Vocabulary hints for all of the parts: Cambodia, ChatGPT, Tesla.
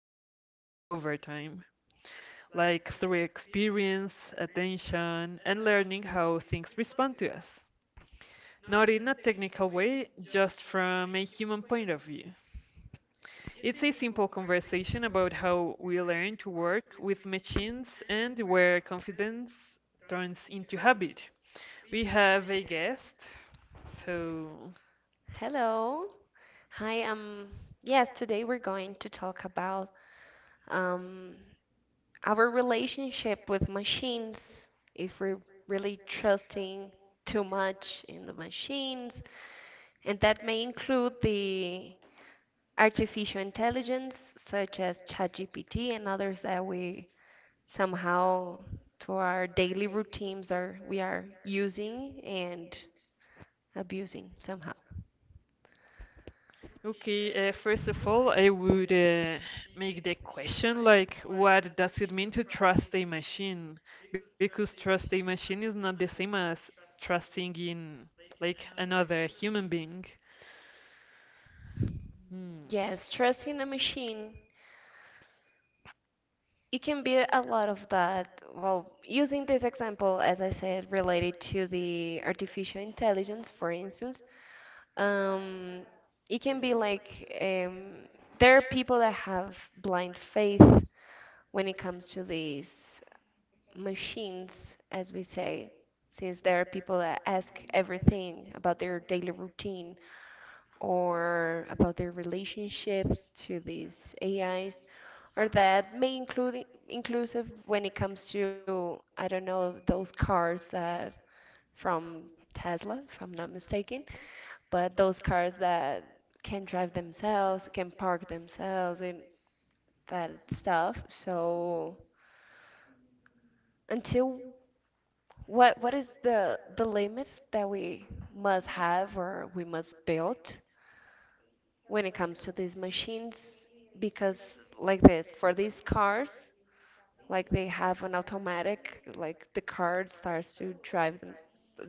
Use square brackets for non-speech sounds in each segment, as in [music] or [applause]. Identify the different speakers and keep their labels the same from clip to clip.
Speaker 1: is built over time, like through experience, attention, and learning how things respond to us. Not in a technical way, just from a human point of view. It's a simple conversation about how we learn to work with machines and where confidence turns into habit. We have a guest. So,
Speaker 2: Hello. Hi. Yes, today we're going to talk about um our relationship with machines. If we're really trusting too much in the machines, and that may include the artificial intelligence such as ChatGPT and others that we somehow to our daily routines are we are using and abusing somehow.
Speaker 1: okay, first of all, I would make the question like, what does it mean to trust a machine? Because trust a machine is not the same as trusting in like another human being. Hmm.
Speaker 2: Yes, trusting a machine it can be a lot of that. Well, using this example, as I said, related to the artificial intelligence, for instance, um, it can be like there are people that have blind faith when it comes to these machines, as we say, since there are people that ask everything about their daily routine or about their relationships to these AIs, or that may include inclusive when it comes to, I don't know, those cars that from Tesla, if I'm not mistaken, but those cars that can drive themselves, can park themselves, and that stuff. So until what is the limits that we must have or we must build when it comes to these machines? Because like this, for these cars, like they have an automatic, like the car starts to drive them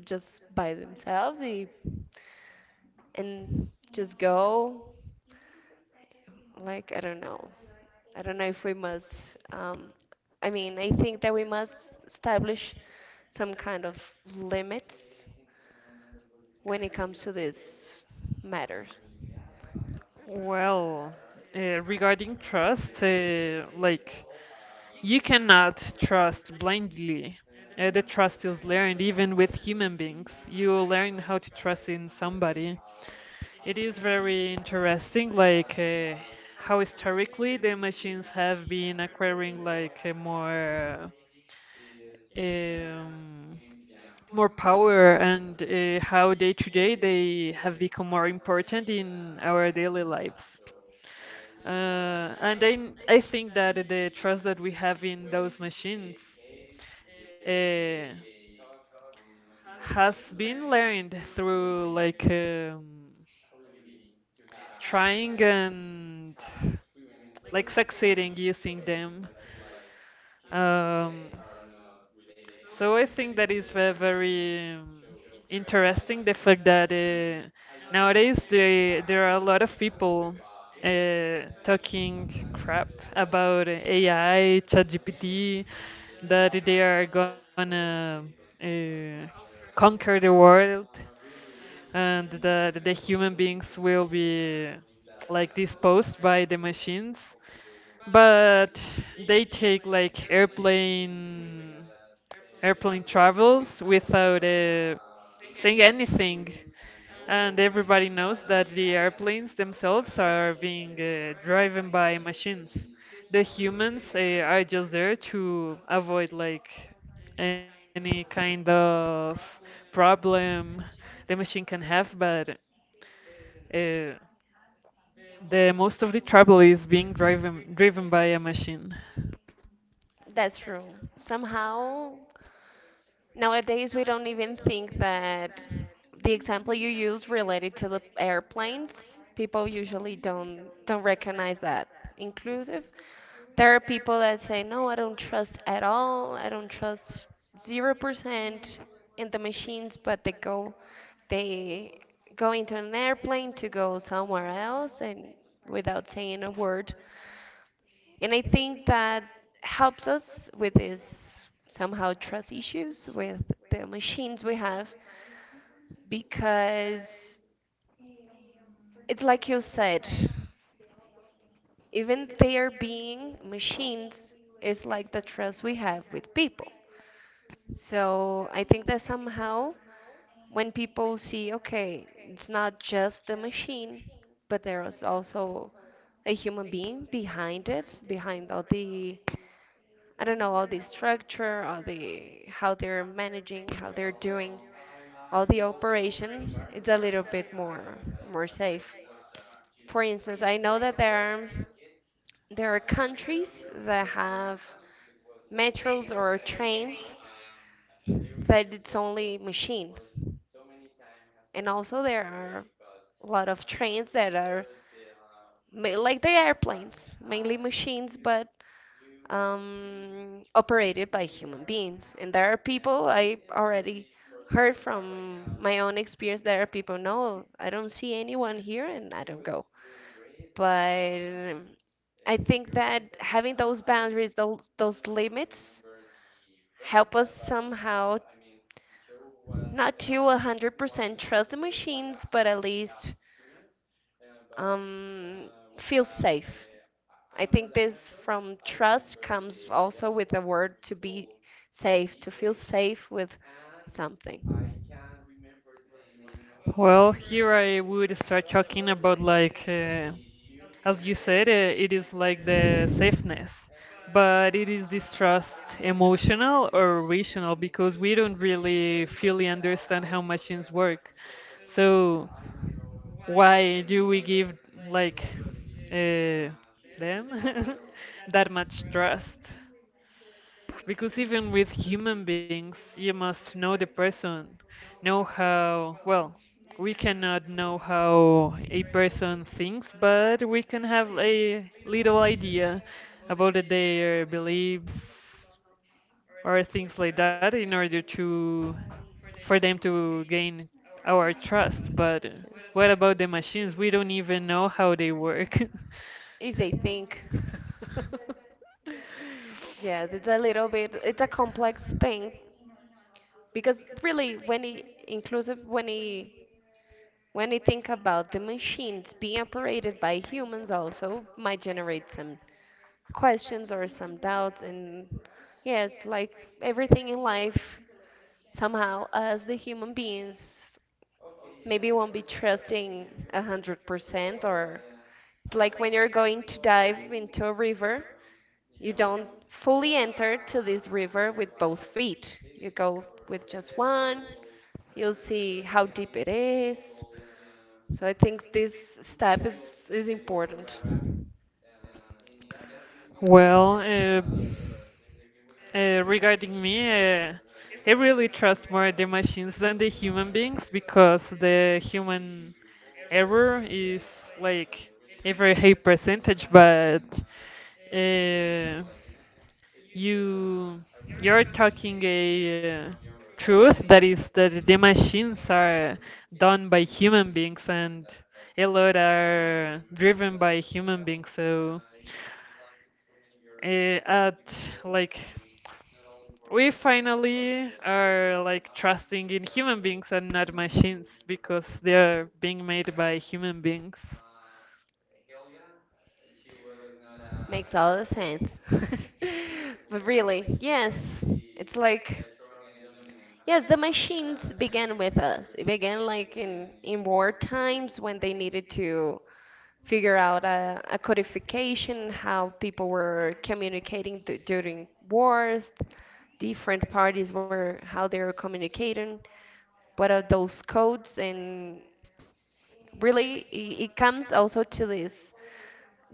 Speaker 2: just by themselves and just go. Like, I don't know. I don't know if we must, I mean, I think that we must establish some kind of limits when it comes to this matter.
Speaker 1: Well, regarding trust, like, you cannot trust blindly. The trust is learned even with human beings. You learn how to trust in somebody. It is very interesting, like how historically the machines have been acquiring like a um, more power and how day to day they have become more important in our daily lives. And I think that the trust that we have in those machines uh, has been learned through like trying and like succeeding using them. Um, so I think that is very interesting the fact that nowadays there are a lot of people talking crap about AI, ChatGPT that they are gonna uh, conquer the world, and that the human beings will be like disposed by the machines. But they take like airplane travels without saying anything, and everybody knows that the airplanes themselves are being driven by machines. The humans are just there to avoid like any kind of problem the machine can have, but uh, the most of the trouble is being driven by a machine.
Speaker 2: That's true. Somehow nowadays, we don't even think that the example you use related to the airplanes, people usually don't recognize that inclusive. There are people that say, "No, I don't trust at all. I don't trust 0% in the machines," but they go, they go into an airplane to go somewhere else and without saying a word, and I think that helps us with this somehow trust issues with the machines we have, because it's like you said, even there being machines is like the trust we have with people. So I think that somehow when people see, okay, it's not just the machine, but there is also a human being behind it, behind all the, I don't know, all the structure, all the how they're managing, how they're doing all the operation. It's a little bit more, more safe. For instance, I know that there are, there are countries that have metros or trains that it's only machines, and also there are a lot of trains that are like the airplanes, mainly machines, but operated by human beings. And there are people I already heard from my own experience. There are people, no, I don't see anyone here and I don't go. But um, I think that having those boundaries, those limits, help us somehow not to 100% trust the machines, but at least, um, feel safe. I think this from trust comes also with the word to be safe, to feel safe with something. Yes.
Speaker 1: Well, here I would start talking about like as you said, it is like the safeness, but it is this trust, emotional or rational, because we don't really fully understand how machines work. So why do we give like uh, them [laughs] that much trust? Because even with human beings, you must know the person, know how, well, we cannot know how a person thinks, but we can have a little idea about their beliefs or things like that in order to, for them to gain our trust. But what about the machines? We don't even know how they work. [laughs]
Speaker 2: If they think. [laughs] Yes, it's a little bit, it's a complex thing because really when it inclusive when you think about the machines being operated by humans also might generate some questions or some doubts. And yes, like everything in life, somehow as the human beings maybe won't be trusting 100%, or it's like when you're going to dive into a river, you don't fully enter to this river with both feet. You go with just one, you'll see how deep it is. So I think this step is important.
Speaker 1: Well, regarding me, uh, I really trust more the machines than the human beings, because the human error is like a very high percentage. But uh, you you're talking a truth that is that the machines are done by human beings, and a lot are driven by human beings. So uh, at like we finally are like trusting in human beings and not machines because they are being made by human beings.
Speaker 2: Makes all the sense. [laughs] But really, yes, it's like, yes, the machines began with us. It began like in war times when they needed to figure out a codification how people were communicating during wars, different parties were how they were communicating, what are those codes. And really it, it comes also to this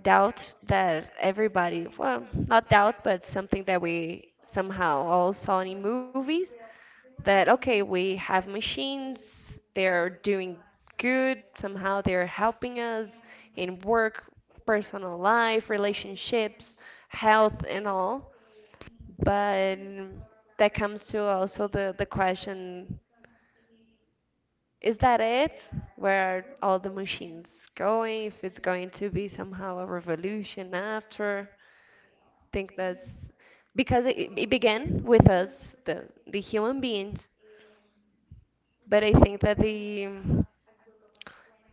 Speaker 2: doubt that everybody, well not doubt but something that we somehow all saw in movies, that okay we have machines, they're doing good, somehow they're helping us in work, personal life, relationships, health, and all. But that comes to also the question, is that it? Where are all the machines going? If it's going to be somehow a revolution after? I think that's because it began with us, the human beings. But I think that the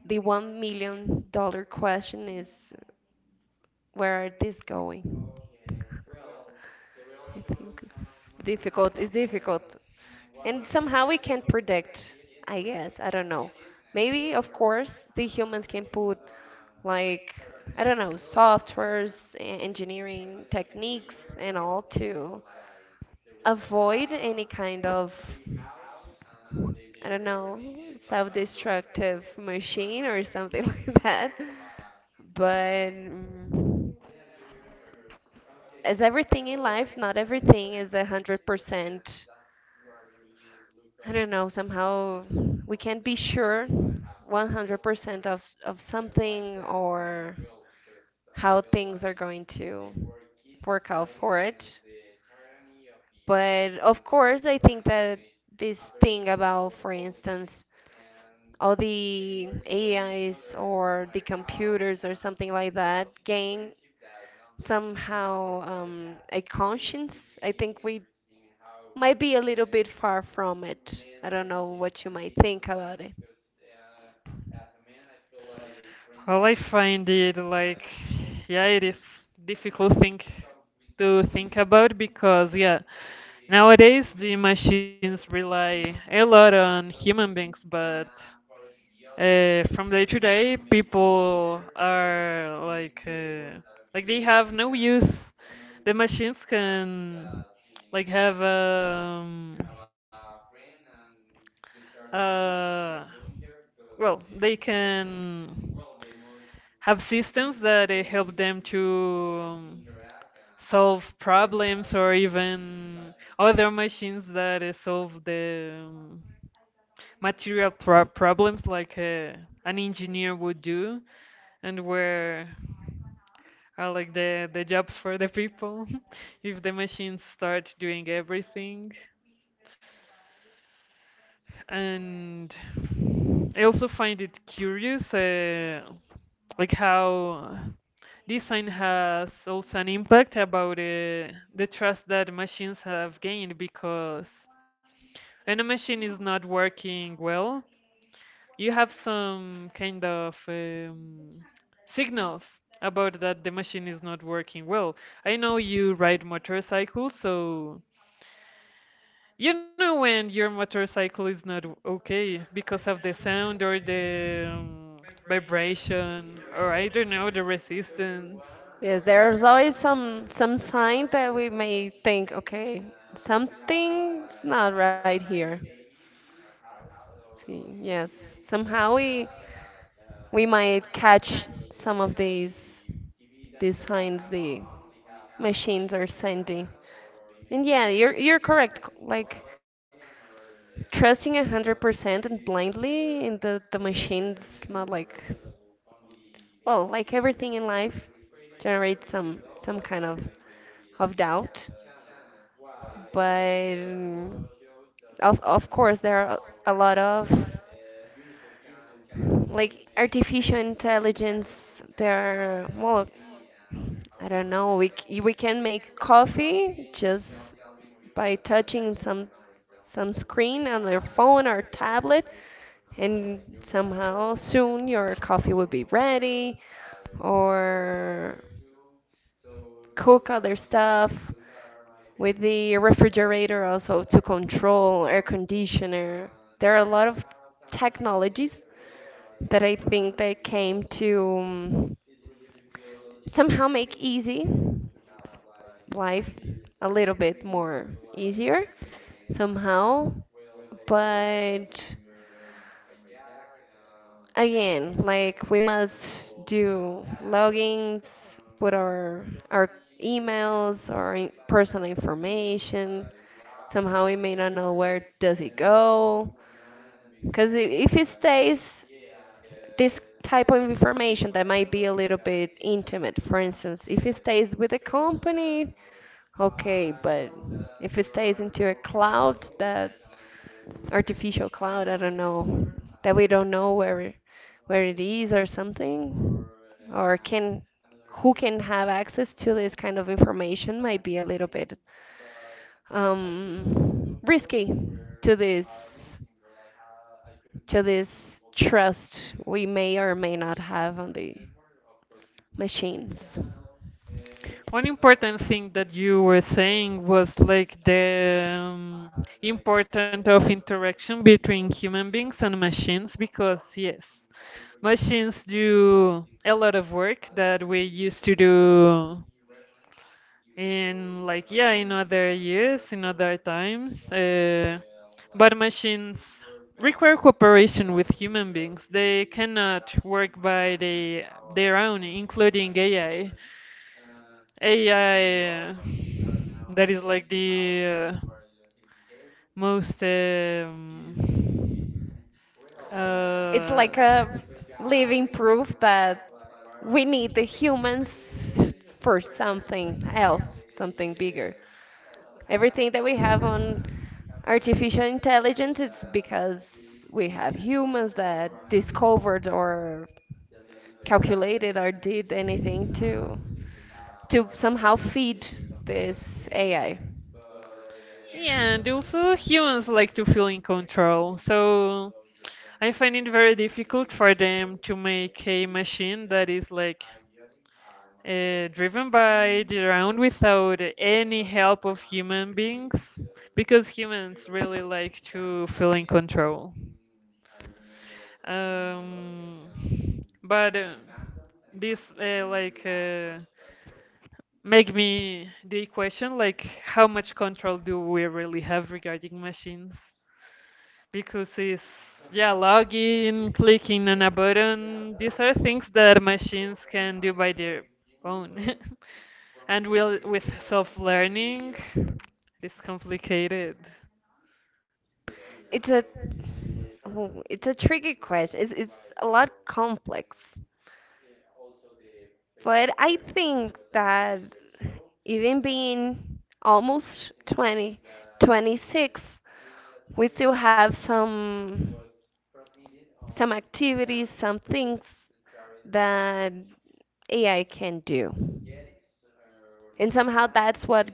Speaker 2: the one million dollar question is, where are these going? I think it's difficult. It's difficult. And somehow we can't predict, I guess. I don't know. Maybe, of course, the humans can put, like, I don't know, softwares, engineering techniques, and all to avoid any kind of, I don't know, self destructive machine or something [laughs] like that. But as everything in life, not everything is 100%. I don't know, somehow we can't be sure 100% of something or how things are going to work out for it. But of course, I think that this thing about, for instance, all the AIs or the computers or something like that gain somehow, a conscience. I think we might be a little bit far from it. I don't know what you might think about it.
Speaker 1: Well, I find it like, yeah, it is difficult thing to think about because, yeah, nowadays the machines rely a lot on human beings. But from day to day, people are like they have no use. The machines can like have uh, well, they can have systems that help them to solve problems, or even other machines that solve the material problems like an engineer would do. And where are like the jobs for the people [laughs] if the machines start doing everything? And I also find it curious, like how design has also an impact about the trust that machines have gained, because when a machine is not working well, you have some kind of signals about that the machine is not working well. I know you ride motorcycles, so you know when your motorcycle is not okay because of the sound, or the vibration, or I don't know, the resistance.
Speaker 2: Yes, there's always some sign that we may think, okay, something's not right here. See, yes, somehow we might catch some of these signs the machines are sending. And yeah, you're correct. Like trusting 100% and blindly in the machine's not like, well, like everything in life generates some kind of doubt. But of course there are a lot of like artificial intelligence, they're well, I don't know, we we can make coffee just by touching some screen on their phone or tablet, and somehow soon your coffee will be ready, or cook other stuff with the refrigerator, also to control air conditioner. There are a lot of technologies that I think they came to, somehow make easy life a little bit more easier somehow. But again, like we must do logins, put our emails, our personal information. Somehow we may not know where does it go, because if it stays, this type of information that might be a little bit intimate. For instance, if it stays with the company. Okay, but if it stays into a cloud, that artificial cloud, I don't know, that we don't know where it is or something, or can who can have access to this kind of information might be a little bit, risky to this, to this trust we may or may not have on the machines.
Speaker 1: One important thing that you were saying was like the importance of interaction between human beings and machines, because yes, machines do a lot of work that we used to do in, like, yeah, in other years, in other times, but machines require cooperation with human beings. They cannot work by their own, including AI, that is like the most
Speaker 2: It's
Speaker 1: uh,
Speaker 2: like a living proof that we need the humans for something else, something bigger. Everything that we have on artificial intelligence is because we have humans that discovered or calculated or did anything to somehow feed this AI.
Speaker 1: Yeah, and also humans like to feel in control, so I find it very difficult for them to make a machine that is like driven by their own without any help of human beings, because humans really like to feel in control. Um, but this like. Make me the question, like, how much control do we really have regarding machines? Because it's, yeah, logging, clicking on a button, these are things that machines can do by their own. [laughs] And we'll, with self-learning, it's complicated.
Speaker 2: It's a, oh, it's a tricky question. It's a lot complex. But I think that even being almost 20, 26, we still have some activities, some things that AI can do. And somehow that's what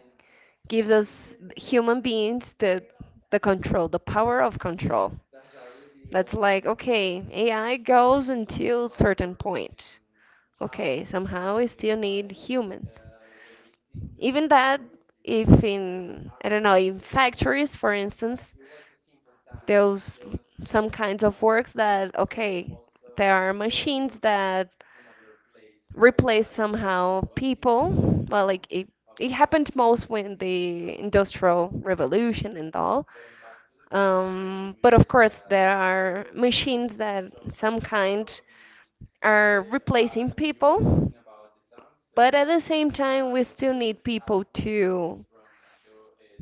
Speaker 2: gives us human beings the control, the power of control. That's like, okay, AI goes until certain point. Okay, somehow we still need humans. Even that, if in, I don't know, in factories, for instance, those some kinds of works that, okay, there are machines that replace somehow people. Well, like it happened most when the Industrial Revolution and all. But of course, there are machines that some kind are replacing people, but at the same time, we still need people to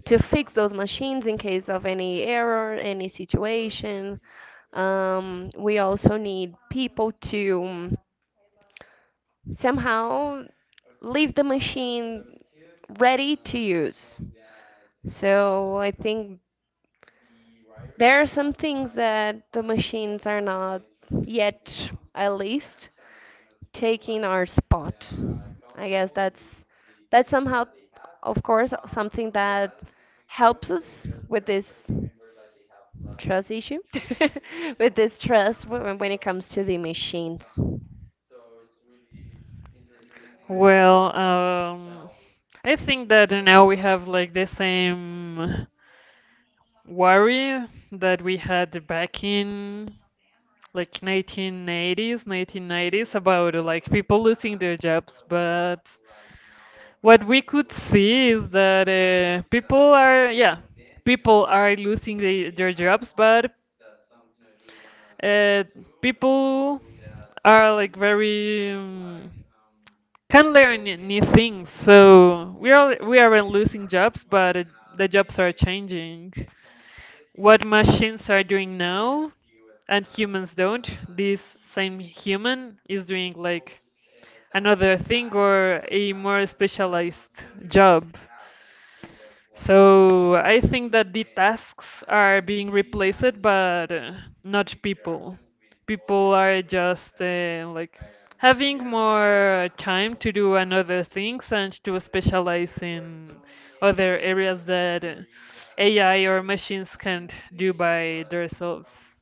Speaker 2: to fix those machines in case of any error, any situation. We also need people to somehow leave the machine ready to use. So I think there are some things that the machines are not yet, at least, taking our spot. I guess that's somehow, of course, something that helps us with this trust issue, [laughs] with this trust when it comes to the machines.
Speaker 1: Well, I think that now we have like the same worry that we had back in like 1980s, 1990s about like people losing their jobs. But what we could see is that people are losing their jobs, but uh, people are like very can learn new things. So we aren't losing jobs, but the jobs are changing what machines are doing now. And humans don't, this same human is doing like another thing, or a more specialized job. So I think that the tasks are being replaced, but not people. People are just like having more time to do another things, and to specialize in other areas that AI or machines can't do by themselves.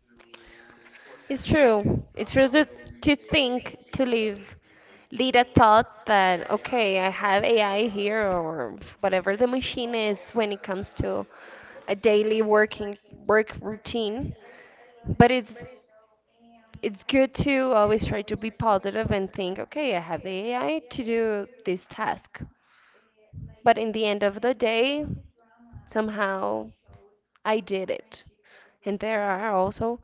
Speaker 2: It's true. It's true to think, to live Lita thought that, okay, I have AI here or whatever the machine is when it comes to a daily working work routine. But it's good to always try to be positive and think, okay, I have the AI to do this task. But in the end of the day, somehow I did it. And there are also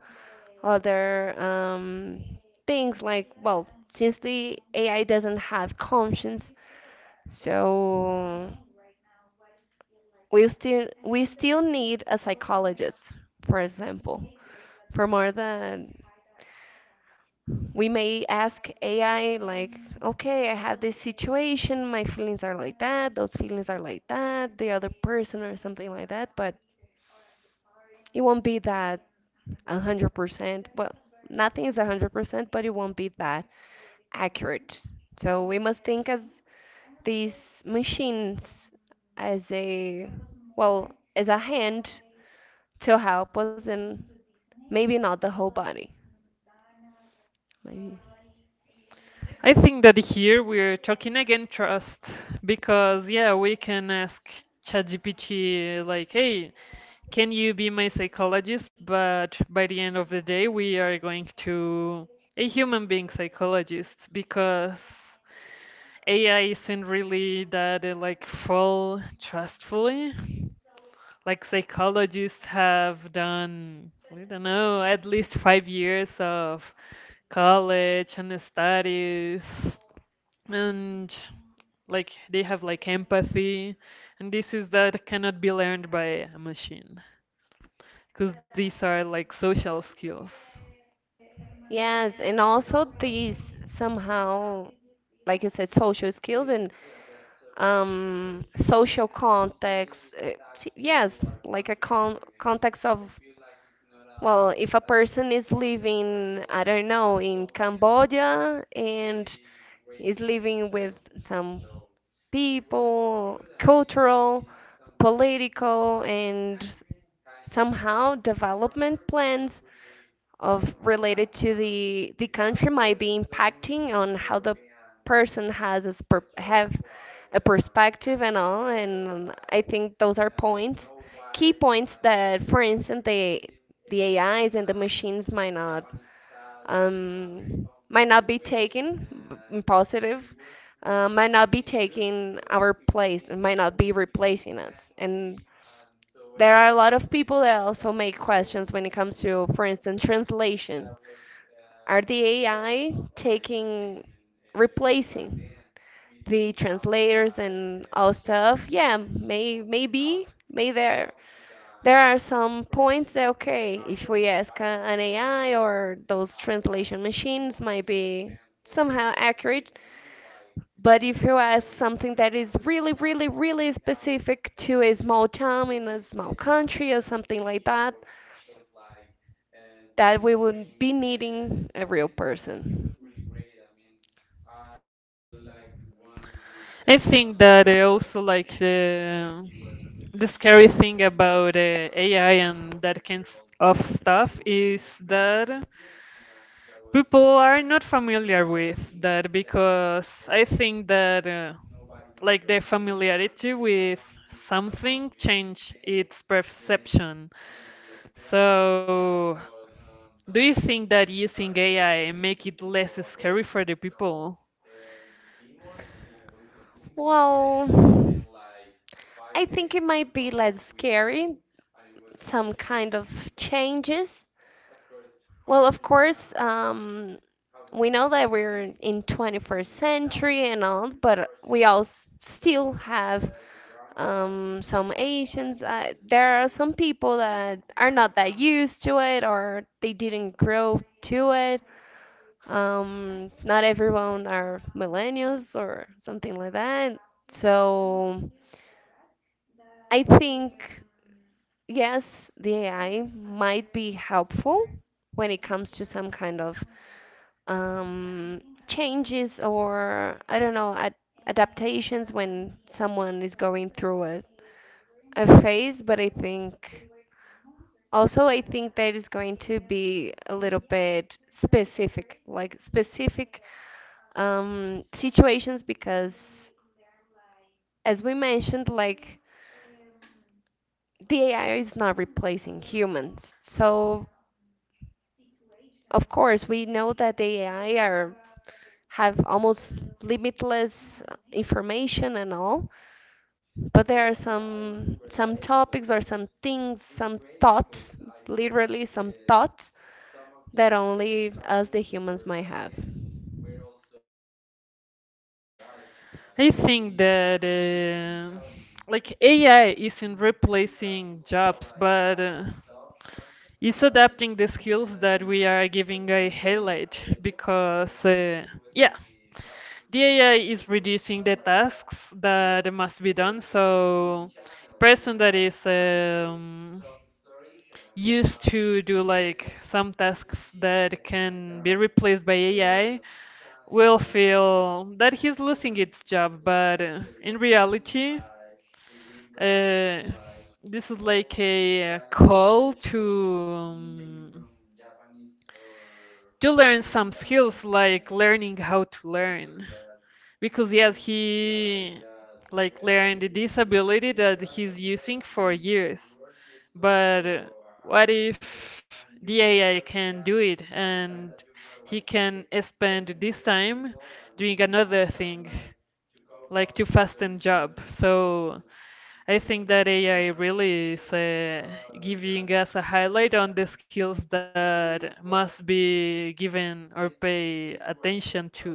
Speaker 2: other, things like, well, since the AI doesn't have conscience, so we still need a psychologist, for example, for more than we may ask AI like, okay, I have this situation, my feelings are like that, those feelings are like that, the other person or something like that, but it won't be that 100%. Well, nothing is 100%, but it won't be that accurate. So we must think as these machines as a, well, as a hand to help us and maybe not the whole body. Maybe.
Speaker 1: I think that here we're talking again trust, because yeah, we can ask ChatGPT, like, hey, can you be my psychologist? But by the end of the day, we are going to a human being psychologist, because AI isn't really that like full trustfully. Like, psychologists have done, I don't know, at least 5 years of college and studies, and like they have like empathy, and this is that cannot be learned by a machine, because these are like social skills.
Speaker 2: Yes, and also these somehow, like you said, social skills and, social context. Yes, like a context of, well, if a person is living, I don't know, in Cambodia and is living with some people, cultural, political, and somehow development plans of related to the country might be impacting on how the person have a perspective and all. And I think those are points key points that, for instance, the ais and the machines might not, might not be in positive, might not be taking our place and might not be replacing us. And there are a lot of people that also make questions when it comes to, for instance, translation. Are the AI taking, replacing the translators and all stuff? Yeah, may maybe may there are some points that, okay, if we ask an AI or those translation machines, might be somehow accurate. But if you ask something that is really, really, really specific to a small town in a small country or something like that, that we would be needing a real person.
Speaker 1: I think that also like the scary thing about AI and that kind of stuff is that people are not familiar with that, because I think that like their familiarity with something change its perception. So, do you think that using AI make it less scary for the people?
Speaker 2: Well, I think it might be less scary, some kind of changes. Well, of course, we know that we're in 21st century and all, but we all still have, some Asians. There are some people that are not that used to it or they didn't grow to it. Not everyone are millennials or something like that. So I think, yes, the AI might be helpful when it comes to some kind of, um, changes or, I don't know, ad adaptations when someone is going through a phase, but I think. Also, I think that is going to be a little bit specific, like specific, situations, because as we mentioned, like, the AI is not replacing humans. So, of course, we know that the AI are have almost limitless information and all, but there are some topics or some things, some thoughts, literally some thoughts that only us the humans might have.
Speaker 1: I think that like AI isn't replacing jobs, but it's adapting the skills that we are giving a highlight, because yeah, the AI is reducing the tasks that must be done. So person that is used to do like some tasks that can be replaced by AI will feel that he's losing its job. But in reality, uh, this is like a call to learn some skills, like learning how to learn. Because yes, he like learned the disability that he's using for years. But what if the AI can do it and he can spend this time doing another thing, like to fasten job? So I think that AI really is giving us a highlight on the skills that must be given or pay attention to,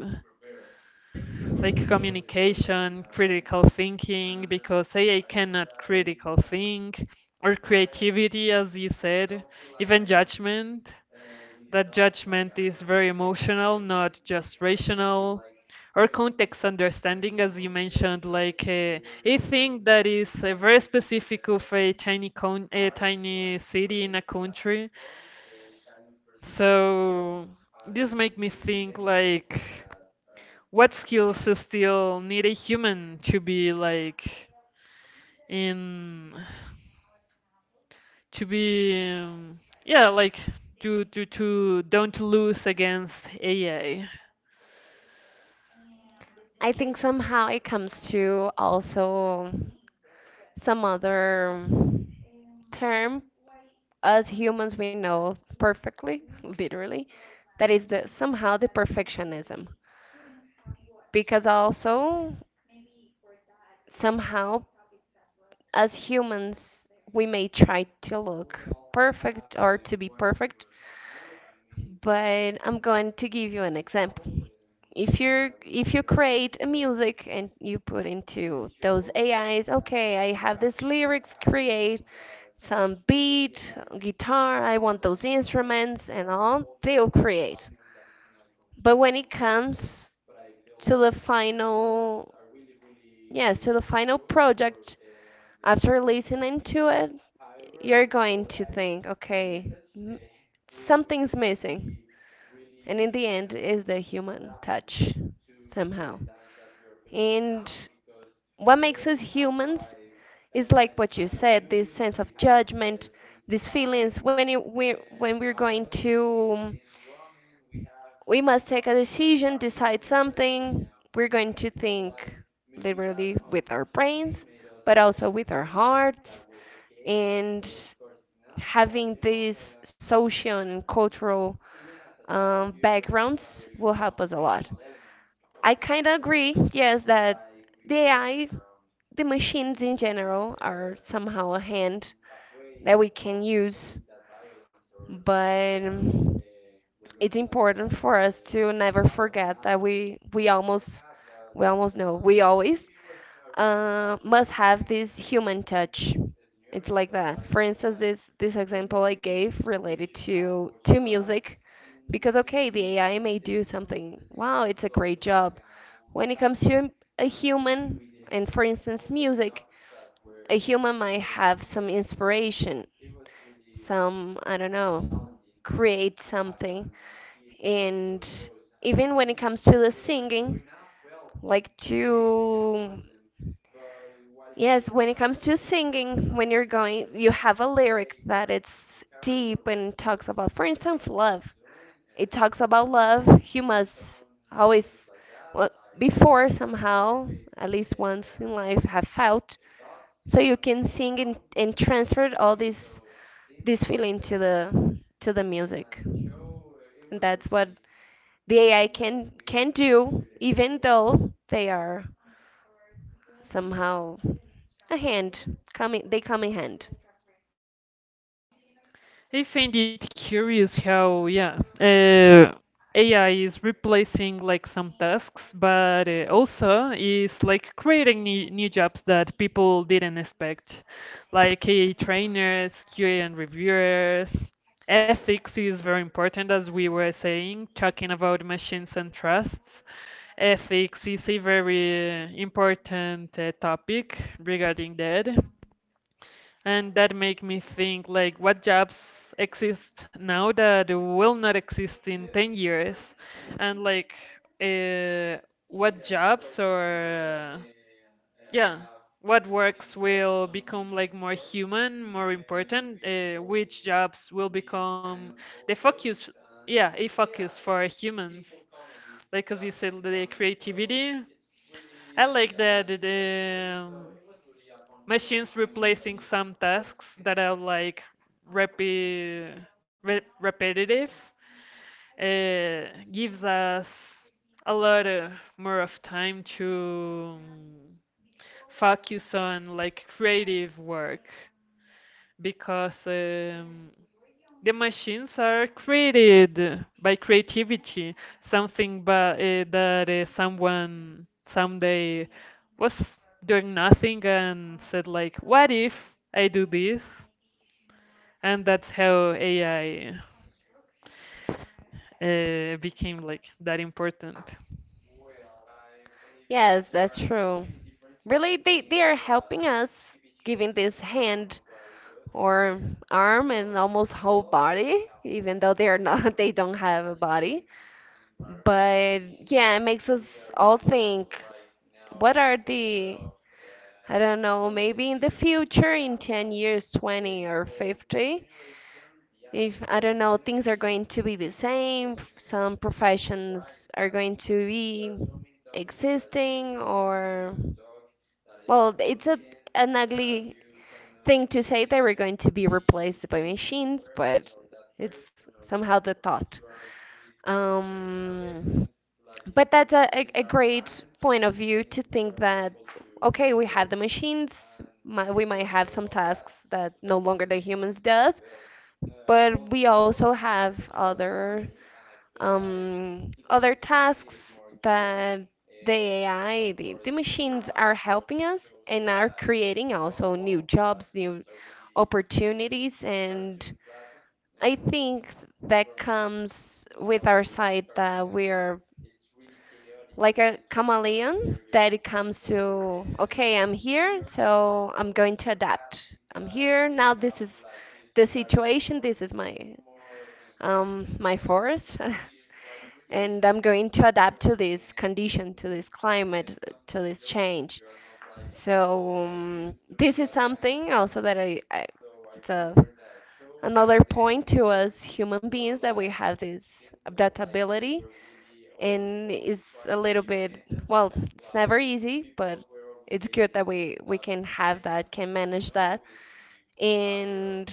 Speaker 1: like communication, critical thinking, because AI cannot critical think, or creativity, as you said, even judgment. That judgment is very emotional, not just rational. Or context understanding, as you mentioned, like a thing that is very specific of a tiny city in a country. So this make me think, like, what skills still need a human to be, like, in to be yeah, like to don't lose against AI?
Speaker 2: I think somehow it comes to also some other term. As humans, we know perfectly, [laughs] literally, that is the somehow the perfectionism, because also somehow as humans, we may try to look perfect or to be perfect, but I'm going to give you an example. If you create a music and you put into those AIs, okay, I have this lyrics, create some beat, guitar, I want those instruments and all, they'll create. But when it comes to the final, yes, to the final project, after listening to it, you're going to think, okay, something's missing. And in the end, is the human touch somehow. And what makes us humans is like what you said, this sense of judgment, these feelings when we're going to, we must take a decision, decide something, we're going to think literally with our brains, but also with our hearts, and having these social and cultural, backgrounds will help us a lot. I kind of agree, yes, that the AI, the machines in general are somehow a hand that we can use, but, it's important for us to never forget that we almost, we almost know we always, must have this human touch. It's like that. For instance, this example I gave related to music, because, okay, the AI may do something. Wow, it's a great job. When it comes to a human, and for instance, music, a human might have some inspiration, some, I don't know, create something. And even when it comes to the singing, like to. Yes, when it comes to singing, when you're going, you have a lyric that it's deep and talks about, for instance, love. It talks about love. You must always, well, before somehow, at least once in life, have felt, so you can sing and transfer all this this feeling to the music. And that's what the AI can do, even though they are somehow a hand coming they come in hand.
Speaker 1: I find it curious how, yeah, AI is replacing like some tasks, but also is like creating new jobs that people didn't expect, like AI trainers, QA and reviewers. Ethics is very important, as we were saying, talking about machines and trusts. Ethics is a very important topic regarding that. And that make me think like what jobs exist now that will not exist in 10 years, and, like, uh, what jobs, or, yeah, what works will become like more human, more important, which jobs will become the focus, yeah, a focus for humans. Like, as you said, the creativity. I like that the machines replacing some tasks that are like repi- repetitive, uh, gives us a lot, more of time to focus on like creative work, because the machines are created by creativity, something, but that someone someday was doing nothing and said, like, what if I do this? And that's how AI became like that important.
Speaker 2: Yes, that's true, really, they are helping us, giving this hand or arm and almost whole body, even though they are not [laughs] they don't have a body. But yeah, it makes us all think, what are the, I don't know, maybe in the future, in 10 years, 20 or 50, if I don't know, things are going to be the same, some professions are going to be existing, or, well, it's a, an ugly thing to say that we're going to be replaced by machines, but it's somehow the thought. Um, but that's a great point of view to think that, okay, we have the machines, we might have some tasks that no longer the humans does, but we also have other, other tasks that the AI, the machines are helping us and are creating also new jobs, new opportunities. And I think that comes with our side, that we are like a chameleon that it comes to, okay, I'm here, so I'm going to adapt. I'm here now, this is the situation, this is my, my forest, [laughs] and I'm going to adapt to this condition, to this climate, to this change. So, this is something also that I, it's a. Another point to us human beings that we have this adaptability, and it's a little bit, well, it's never easy, but it's good that we can have that, can manage that. And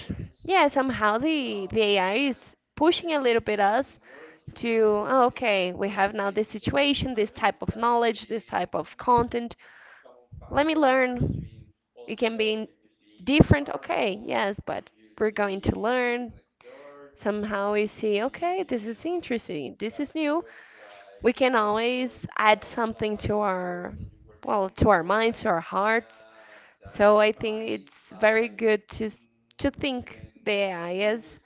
Speaker 2: yeah, somehow the AI is pushing a little bit us to, oh, okay, we have now this situation, this type of knowledge, this type of content, let me learn. It can be in different, okay, yes, but we're going to learn. Somehow we see, okay, this is interesting, this is new. We can always add something to our, well, to our minds, to our hearts. So I think it's very good to to think the AI is,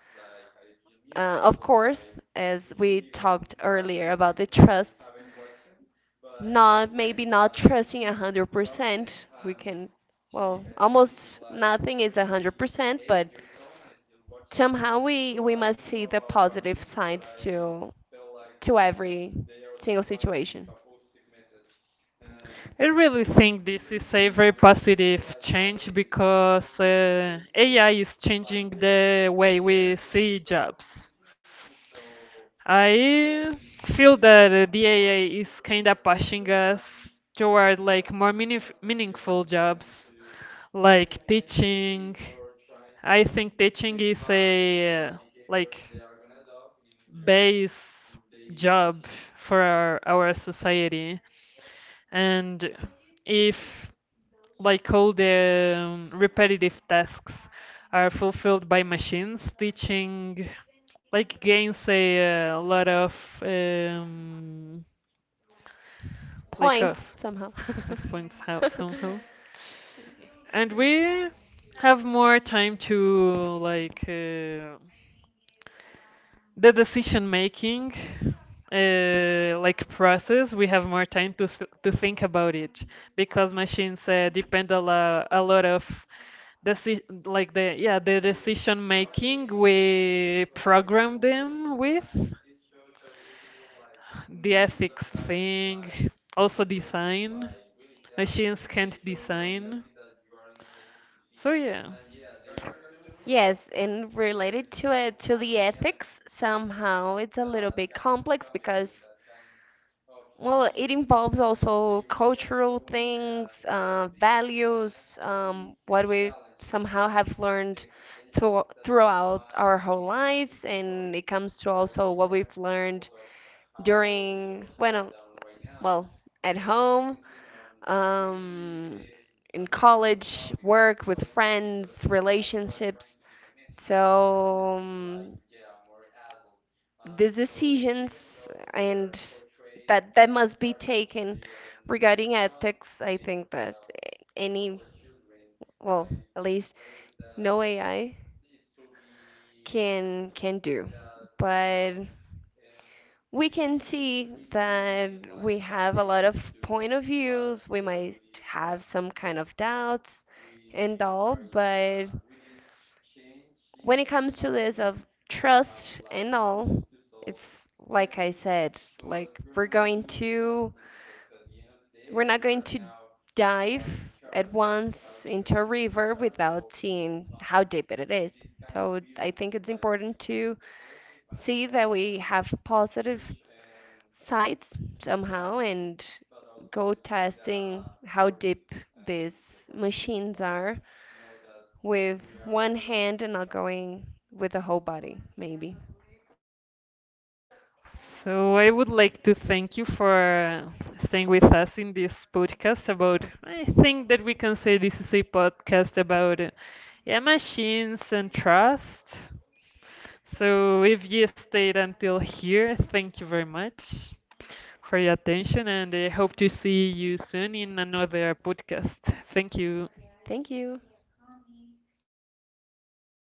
Speaker 2: of course, as we talked earlier about the trust, not maybe not trusting 100%. We can, well, almost nothing is 100%, but somehow we must see the positive sides to every single situation.
Speaker 1: I really think this is a very positive change, because AI is changing the way we see jobs. I feel that the AI is kind of pushing us toward like more meaningful jobs, like teaching. I think teaching is a like base job for our society. And if like all the repetitive tasks are fulfilled by machines, teaching like gains a lot um, like
Speaker 2: Points
Speaker 1: of,
Speaker 2: somehow.
Speaker 1: of points, how
Speaker 2: [laughs]
Speaker 1: somehow, and we have more time to, like, the decision making, like, process. We have more time to think about it, because machines depend a lot of, Deci like the decision making, we program them with the ethics thing, also design, machines can't design, so yeah.
Speaker 2: Yes, and related to it, to the ethics, somehow it's a little bit complex because, well, it involves also cultural things, values, what we somehow have learned throughout our whole lives, and it comes to also what we've learned during, bueno, well, at home. Um, in college, work, with friends, relationships. So, these decisions and that must be taken regarding ethics. I think that any, well, at least no AI can do, but we can see that we have a lot of point of views. We might have some kind of doubts and all, but when it comes to this of trust and all, it's like I said, like, we're going to, we're not going to dive at once into a river without seeing how deep it is. So I think it's important to see that we have positive sides somehow and go testing how deep these machines are with one hand and not going with the whole body, maybe.
Speaker 1: So I would like to thank you for staying with us in this podcast about, I think that we can say this is a podcast about, yeah, machines and trust. So if you stayed until here, thank you very much for your attention, and I hope to see you soon in another podcast. Thank you.
Speaker 2: Thank you.